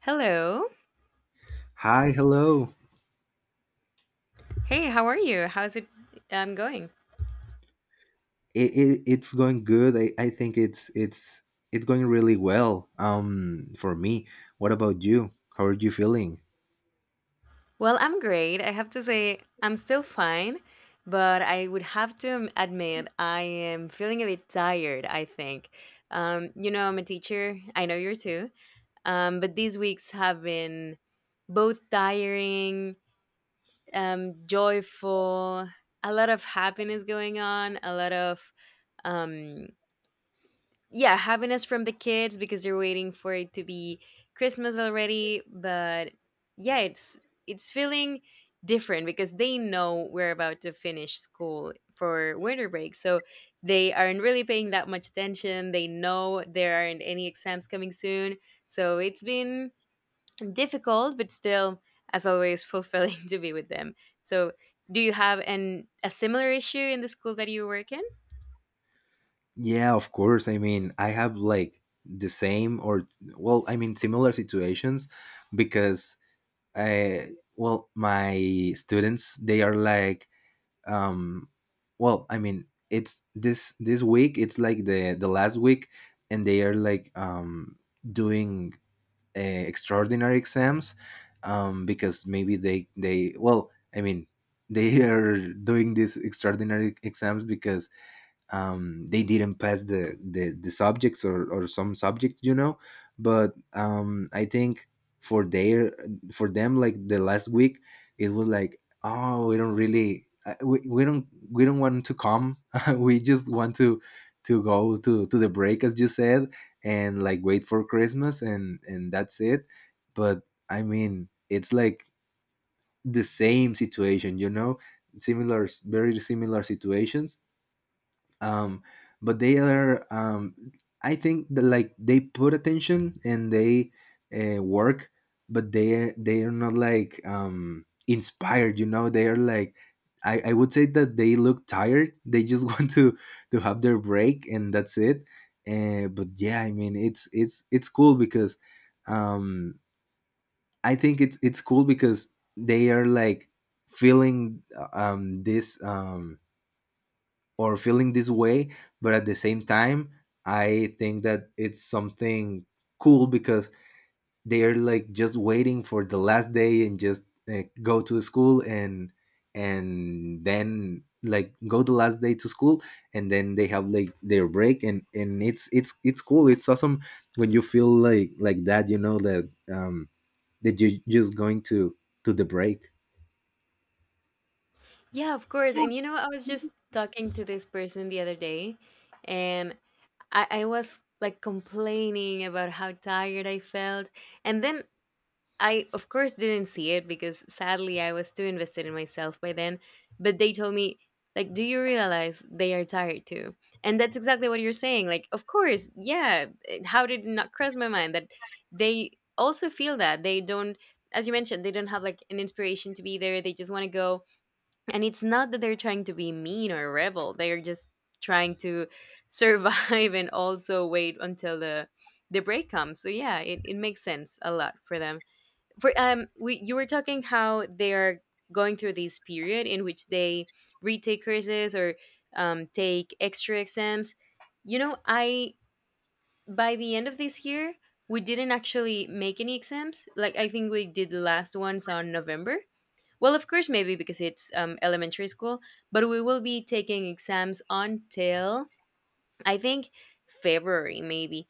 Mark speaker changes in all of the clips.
Speaker 1: Hello.
Speaker 2: Hi, hello.
Speaker 1: Hey, how are you? How's it going?
Speaker 2: It's going good. I think it's going really well. For me. What about you? How are you feeling?
Speaker 1: Well, I'm great. I have to say, I'm still fine, but I would have to admit I am feeling a bit tired, I think. You know, I'm a teacher. I know you're too. But these weeks have been both tiring, joyful, a lot of happiness going on, a lot of um, yeah, happiness from the kids because you're waiting for it to be Christmas already. But yeah, it's feeling different because they know we're about to finish school for winter break. So they aren't really paying that much attention. They know there aren't any exams coming soon. So it's been difficult, but still, as always, fulfilling to be with them. So do you have an a similar issue in the school that you work in?
Speaker 2: Yeah, of course. I mean, I have like the same or well, I mean similar situations because I well, my students they are like um well, I mean, it's this week it's like the last week and they are like doing extraordinary exams because maybe they well I mean they are doing these extraordinary exams because they didn't pass the subjects or, some subjects, you know. But I think for their for them like the last week it was like, oh, we don't really we don't we don't want to come we just want to go to the break, as you said, and like wait for Christmas, and that's it. But I mean, it's like the same situation, you know. Similar, very similar situations. um but they are, I think that like they put attention and they work, but they are not like inspired, you know. They are like, I would say that they look tired. They just want to have their break and that's it. But yeah, I mean it's cool because um I think it's cool because they are like feeling this or feeling this way. But at the same time, I think that it's something cool because they're like just waiting for the last day, and just go to school and then like go the last day to school, and then they have like their break, and it's cool. It's awesome when you feel like that, you know, that that you're just going to the break.
Speaker 1: Yeah, of course. And you know, I was just talking to this person the other day, and I was like complaining about how tired I felt. And then I, of course, didn't see it because sadly I was too invested in myself by then. But they told me, like, do you realize they are tired too? And that's exactly what you're saying. Like, of course, yeah. How did it not cross my mind that they also feel that they don't, as you mentioned, they don't have like an inspiration to be there. They just want to go, and it's not that they're trying to be mean or rebel. They're just trying to survive and also wait until the break comes. So yeah, it makes sense a lot for them. For we you were talking how they are going through this period in which they retake courses or take extra exams. You know, I by the end of this year we didn't actually make any exams. Like, I think we did the last ones on November. Well, of course, maybe because it's elementary school, but we will be taking exams until, I think, February, maybe.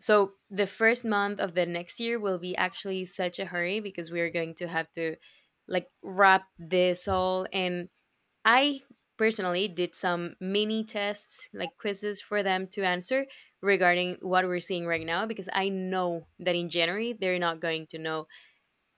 Speaker 1: So the first month of the next year will be actually such a hurry because we are going to have to like wrap this all. And I personally did some mini tests, like quizzes for them to answer regarding what we're seeing right now, because I know that in January they're not going to know,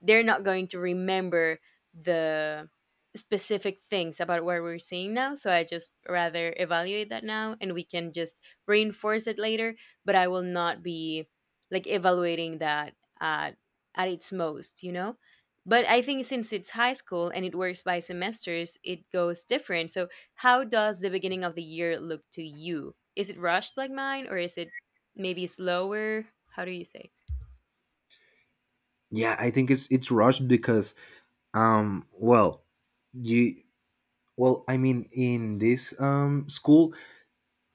Speaker 1: they're not going to remember the specific things about what we're seeing now. So I just rather evaluate that now, and we can just reinforce it later. But I will not be like evaluating that at at its most, you know. But I think since it's high school and it works by semesters, it goes different. So how does the beginning of the year look to you? Is it rushed like mine, or is it maybe slower? How do you say?
Speaker 2: Yeah, I think it's rushed because well, you well, I mean, in this school,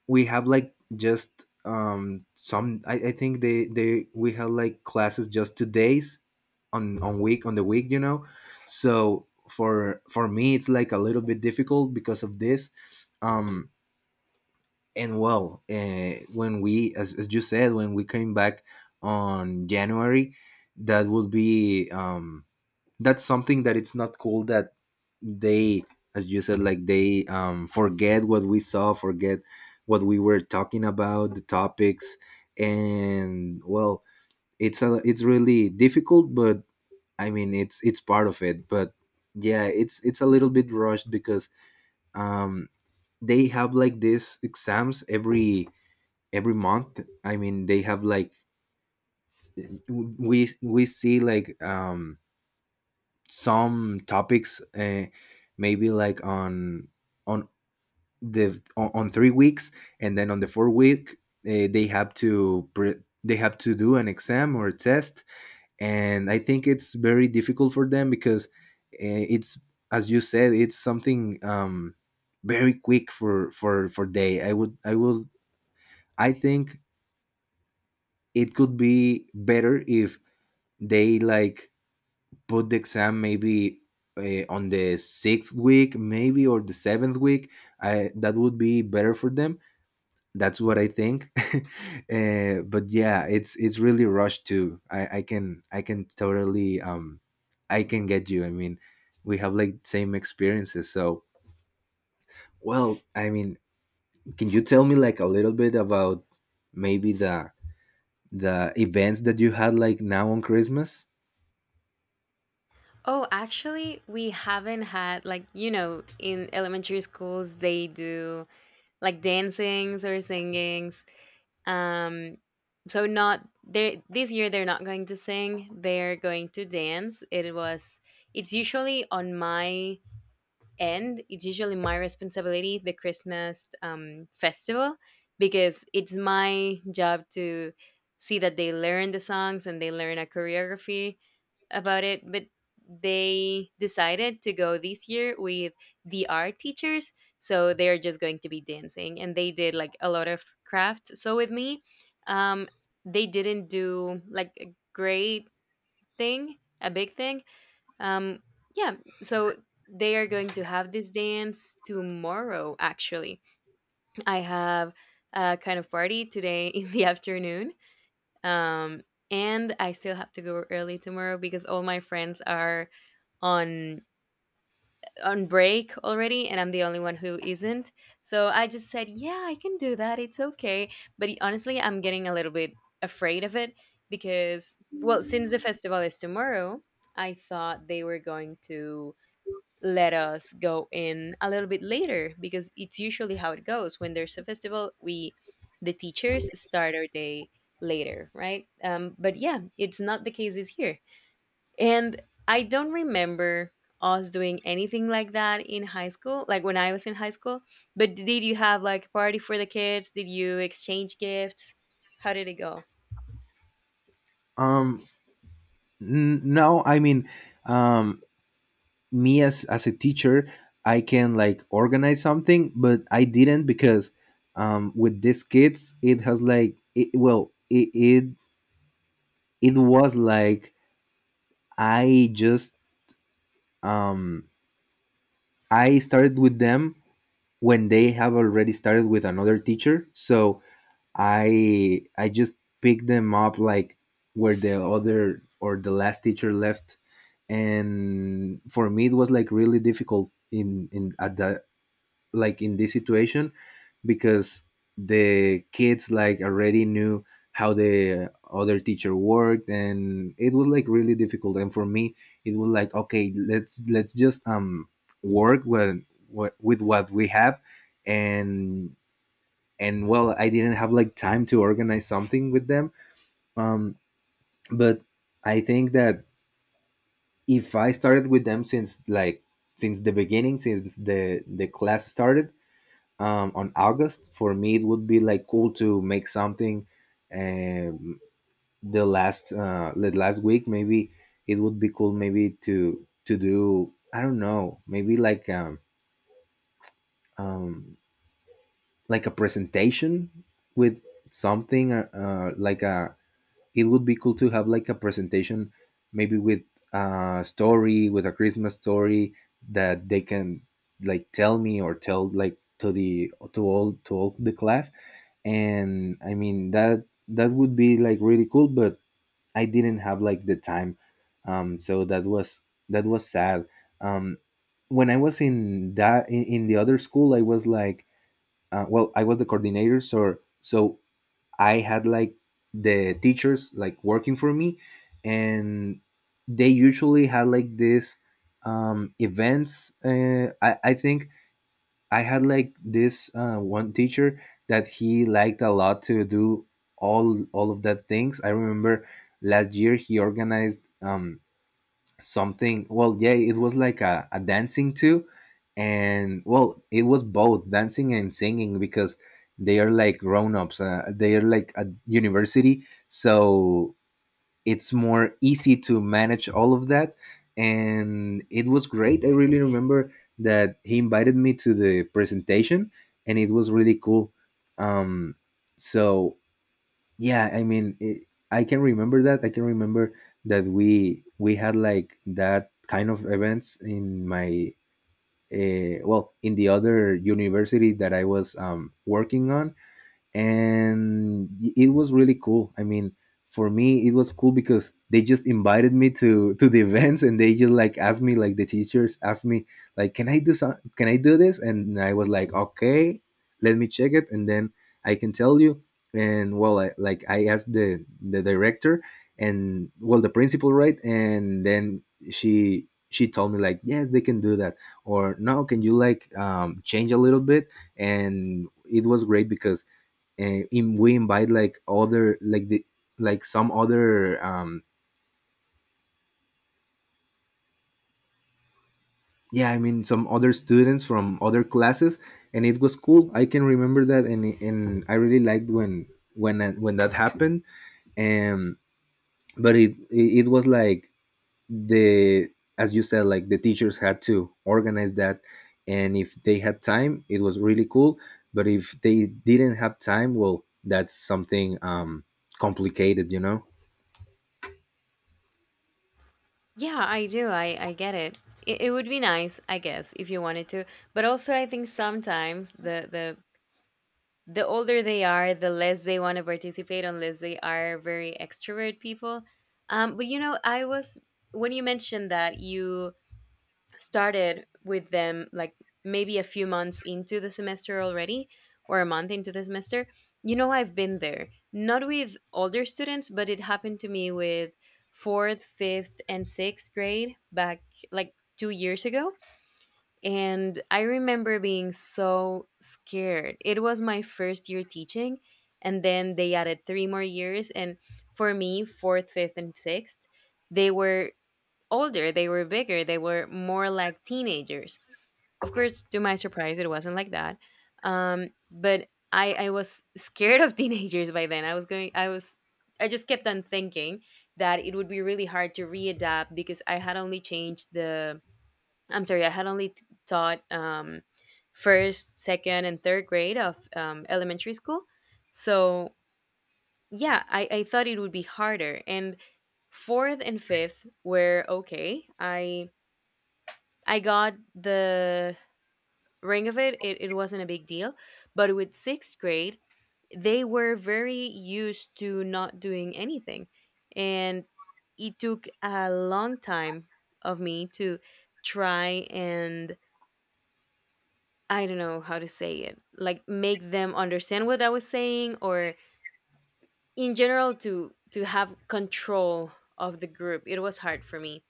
Speaker 2: we have like just some. I think they we have like classes just 2 days on the week, you know. So for me, it's like a little bit difficult because of this. Um, and well, when we, as you said, when we came back on January, that would be that's something that it's not cool that they as you said, like they forget what we saw, forget what we were talking about, the topics. And well, it's a it's really difficult, but I mean, it's part of it. But yeah, it's a little bit rushed because um they have like these exams every month. I mean, they have like we see like some topics maybe like on on 3 weeks, and then on the fourth week they have they have to do an exam or a test. And I think it's very difficult for them because it's, as you said, it's something very quick for they. I think it could be better if they like put the exam maybe on the sixth week, maybe, or the seventh week. I That would be better for them. That's what I think. But yeah, it's really rushed too. I can I can totally I can get you. I mean, we have like same experiences. So well, I mean, can you tell me like a little bit about maybe the events that you had like now on Christmas?
Speaker 1: Oh, actually, we haven't had, like, you know, in elementary schools they do like dancings or singings. Um, so not they this year they're not going to sing. They're going to dance. It was it's usually on my and it's usually my responsibility, the Christmas festival, because it's my job to see that they learn the songs and they learn a choreography about it. But they decided to go this year with the art teachers. So they're just going to be dancing. And they did like a lot of craft. So with me, um, they didn't do like a great thing, a big thing, um, yeah, so they are going to have this dance tomorrow, actually. I have a kind of party today in the afternoon. Um, and I still have to go early tomorrow because all my friends are on on break already and I'm the only one who isn't. So I just said, "Yeah, I can do that. It's okay." But honestly, I'm getting a little bit afraid of it because, well, since the festival is tomorrow, I thought they were going to let us go in a little bit later because it's usually how it goes. When there's a festival, we the teachers start our day later, right? But yeah, it's not the case this year. And I don't remember us doing anything like that in high school, like when I was in high school. But did you have like a party for the kids? Did you exchange gifts? How did it go?
Speaker 2: Um, no, I mean, um, me as a teacher, I can like organize something, but I didn't because with these kids, it has like it, well it was like I just um I started with them when they have already started with another teacher. So I just picked them up like where the other or the last teacher left. And for me it was like really difficult in at that like in this situation because the kids like already knew how the other teacher worked, and it was like really difficult. And for me, it was like, okay, let's just work with what we have. and and well, I didn't have like time to organize something with them. um but I think that if I started with them since like since the beginning, since the class started on August. For me, it would be like cool to make something. Um, the last week, maybe it would be cool, maybe to do, I don't know, maybe um like a presentation with something like a it would be cool to have like a presentation maybe with a story, with a Christmas story, that they can like tell me or tell like to the to all the class. And I mean, that would be like really cool, but I didn't have like the time. So that was sad. um when I was in that in the other school, I was like well, I was the coordinator, so so I had like the teachers like working for me, and they usually had like this events. I think I had like this one teacher that he liked a lot to do all of that things. I remember last year he organized something. Well, yeah, it was like a dancing too. And well, it was both dancing and singing because they are like grown-ups. They are like a university, so it's more easy to manage all of that. And it was great. I really remember that he invited me to the presentation, and it was really cool. um so yeah, I mean, I can remember that. I can remember that we had like that kind of events in my well, in the other university that I was working on. And it was really cool. I mean, for me it was cool because they just invited me to the events, and they just like asked me like the teachers asked me like, can I do some, can I do this? And I was like, okay, let me check it, and then I can tell you. And well, like, I asked the director and well, the principal, right? And then she told me like, yes, they can do that, or no, can you like change a little bit. And it was great because and we invite like other, like the like some other yeah, I mean, some other students from other classes. And it was cool. I can remember that. And I really liked when when that happened. And but it was like the as you said, like the teachers had to organize that. And if they had time, it was really cool. But if they didn't have time, well, that's something complicated, you know.
Speaker 1: Yeah, I do, I get it. It would be nice, I guess, if you wanted to. But also I think sometimes the the older they are, the less they want to participate unless they are very extrovert people. But you know, I was when you mentioned that you started with them like maybe a few months into the semester already, or a month into the semester. You know, I've been there, not with older students, but it happened to me with fourth, fifth, and sixth grade back like 2 years ago, and I remember being so scared. It was my first year teaching, and then they added three more years. And for me, fourth, fifth, and sixth, they were older, they were bigger, they were more like teenagers. Of course, to my surprise, it wasn't like that. But I was scared of teenagers by then. I was going, I was, I just kept on thinking that it would be really hard to readapt because I had only changed the I'm sorry, I had only taught first, second, and third grade of elementary school. So, yeah, I thought it would be harder. And fourth and fifth were okay. I got the ring of it. It wasn't a big deal. But with sixth grade, they were very used to not doing anything. And it took a long time of me to try and, I don't know how to say it, like make them understand what I was saying, or in general to have control of the group. It was hard for me.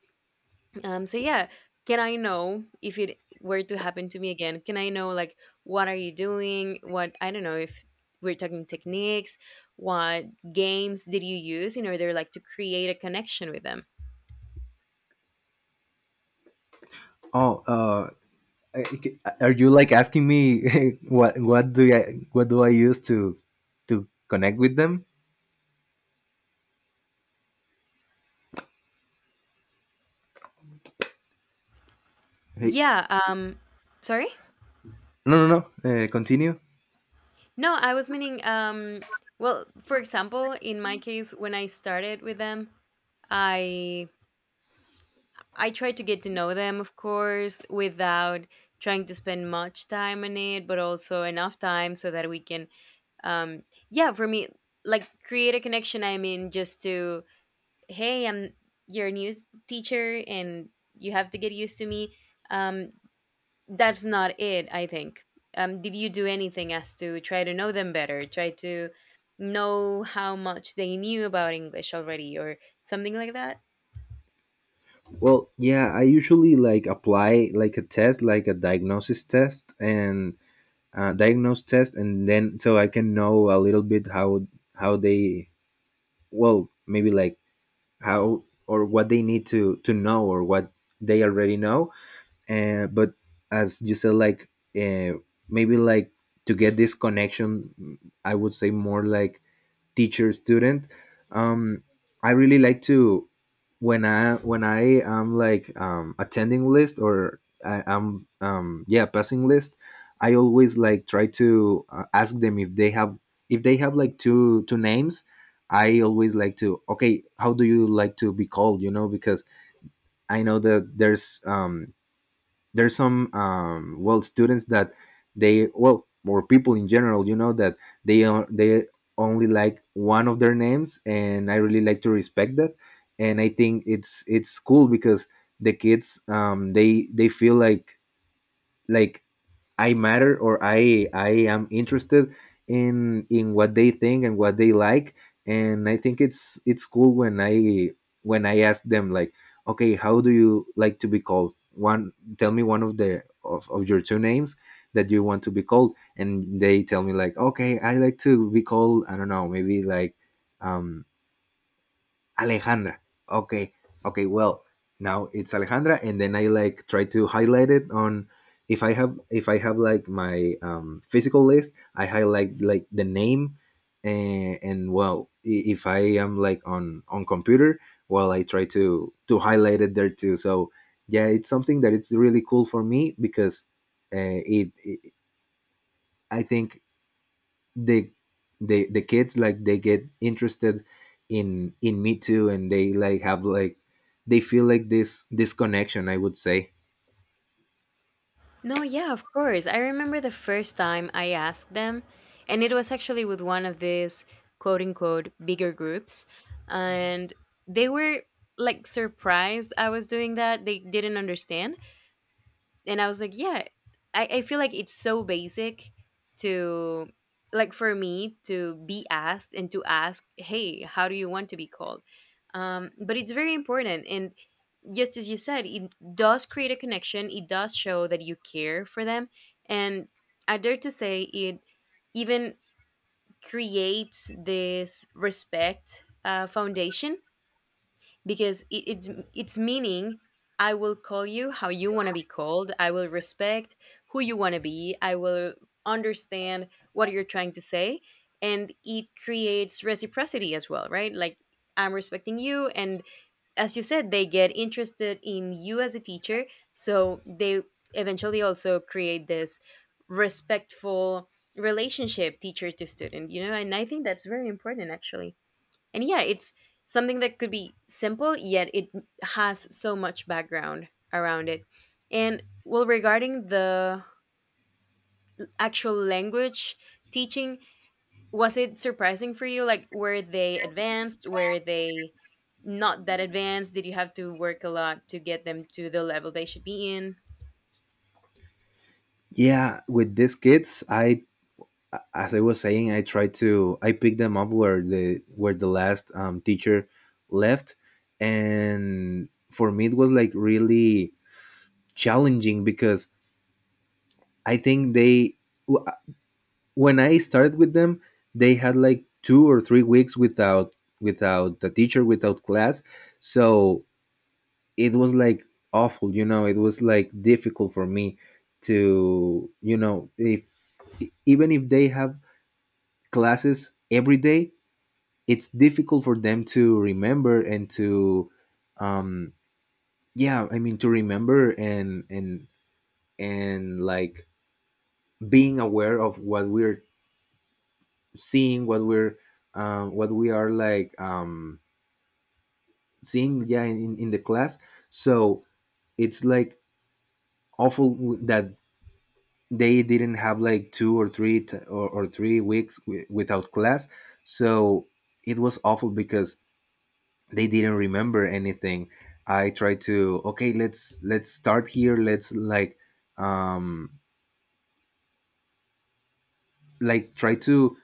Speaker 1: Um, so yeah, can I know, if it were to happen to me again, can I know like what are you doing? What I don't know if we're talking techniques, what games did you use in order like to create a connection with them?
Speaker 2: oh uh I- are you like asking me what what do I what do I use to connect with them? Hey,
Speaker 1: Yeah, sorry?
Speaker 2: no, no, no. Continue.
Speaker 1: No, I was meaning well, for example, in my case when I started with them, I I try to get to know them, of course, without trying to spend much time on it, but also enough time so that we can, um, yeah, for me, like create a connection. I mean, just to hey, I'm your new teacher, and you have to get used to me. Um, that's not it, I think. Did you do anything as to try to know them better? Try to know how much they knew about English already, or something like that?
Speaker 2: Well, yeah, I usually like apply like a test, like a diagnosis test and diagnose test, and then so I can know a little bit how they well, maybe like how or what they need to know, or what they already know. But as you said, like uh, maybe like to get this connection, I would say more like teacher student. um I really like to when I when I am like attending list, or I am yeah, passing list, I always like try to ask them if they have like two names. I always like to, okay, how do you like to be called? You know, because I know that there's some well, students that they or people in general, you know, that they only like one of their names. And I really like to respect that. And I think it's cool because the kids they feel like like I matter, or I am interested in what they think and what they like. And I think it's cool when I ask them like, okay, how do you like to be called? One Tell me one of the of your two names that you want to be called. And they tell me like, okay, I like to be called, I don't know, maybe like um Alejandra. Okay, okay. Well, now it's Alejandra. And then I like try to highlight it on if I have like my physical list, I highlight like the name. And well, if I am like on computer, well, I try to highlight it there too. So yeah, it's something that it's really cool for me because it, it I think the the kids like they get interested in me too, and they like have like they feel like this connection, I would say.
Speaker 1: No, yeah, of course. I remember the first time I asked them, and it was actually with one of these quote unquote bigger groups, and they were like surprised I was doing that. They didn't understand, and I was like, yeah, I feel like it's so basic to like for me to be asked and to ask, hey, how do you want to be called? But it's very important, and just as you said, it does create a connection. It does show that you care for them, and I dare to say it even creates this respect foundation, because it's meaning I will call you how you want to be called. I will respect who you want to be. I will understand what you're trying to say, and it creates reciprocity as well, right? Like, I'm respecting you, and as you said, they get interested in you as a teacher, so they eventually also create this respectful relationship teacher to student, you know. And I think that's very important, actually. And yeah, it's something that could be simple, yet it has so much background around it. And well, regarding the actual language teaching, was it surprising for you? Like, were they advanced? Were they not that advanced? Did you have to work a lot to get them to the level they should be in?
Speaker 2: Yeah, with these kids, I as I was saying, I try to I pick them up where the last teacher left. And for me, it was like really challenging because I think they when I started with them, they had like 2 or 3 weeks without without the teacher, without class. So it was like awful, you know. It was like difficult for me to, you know, if even if they have classes every day, it's difficult for them to remember and to, um, yeah, I mean, to remember and like being aware of what we're seeing, what we're what we are like seeing, yeah, in the class. So it's like awful that they didn't have like two or 3 weeks without class. So it was awful because they didn't remember anything. I tried to, okay, let's start here. Let's like um like try to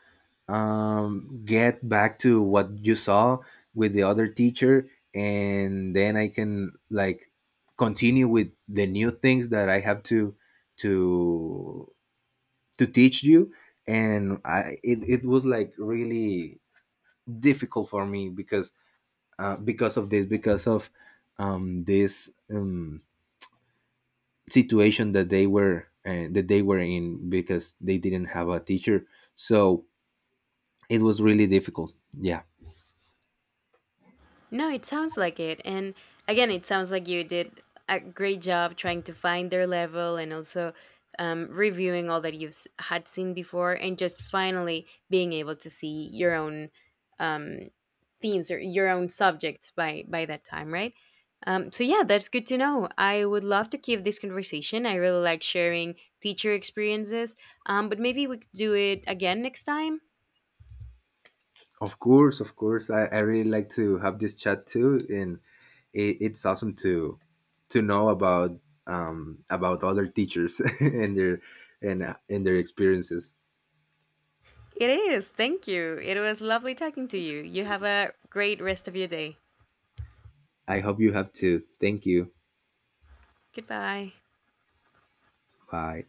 Speaker 2: get back to what you saw with the other teacher, and then I can like continue with the new things that I have to to to teach you. And it was like really difficult for me because of this, because of this situation that they were in, because they didn't have a teacher. So it was really difficult. Yeah.
Speaker 1: No, it sounds like it. And again, it sounds like you did a great job trying to find their level and also reviewing all that you've had seen before, and just finally being able to see your own um, themes or your own subjects by that time, right? So, yeah, that's good to know. I would love to keep this conversation. I really like sharing teacher experiences, but maybe we could do it again next time.
Speaker 2: Of course, of course. I really like to have this chat too. And it, it's awesome to know about other teachers and their and their experiences.
Speaker 1: It is. Thank you. It was lovely talking to you. You have a great rest of your day.
Speaker 2: I hope you have too. Thank you.
Speaker 1: Goodbye.
Speaker 2: Bye.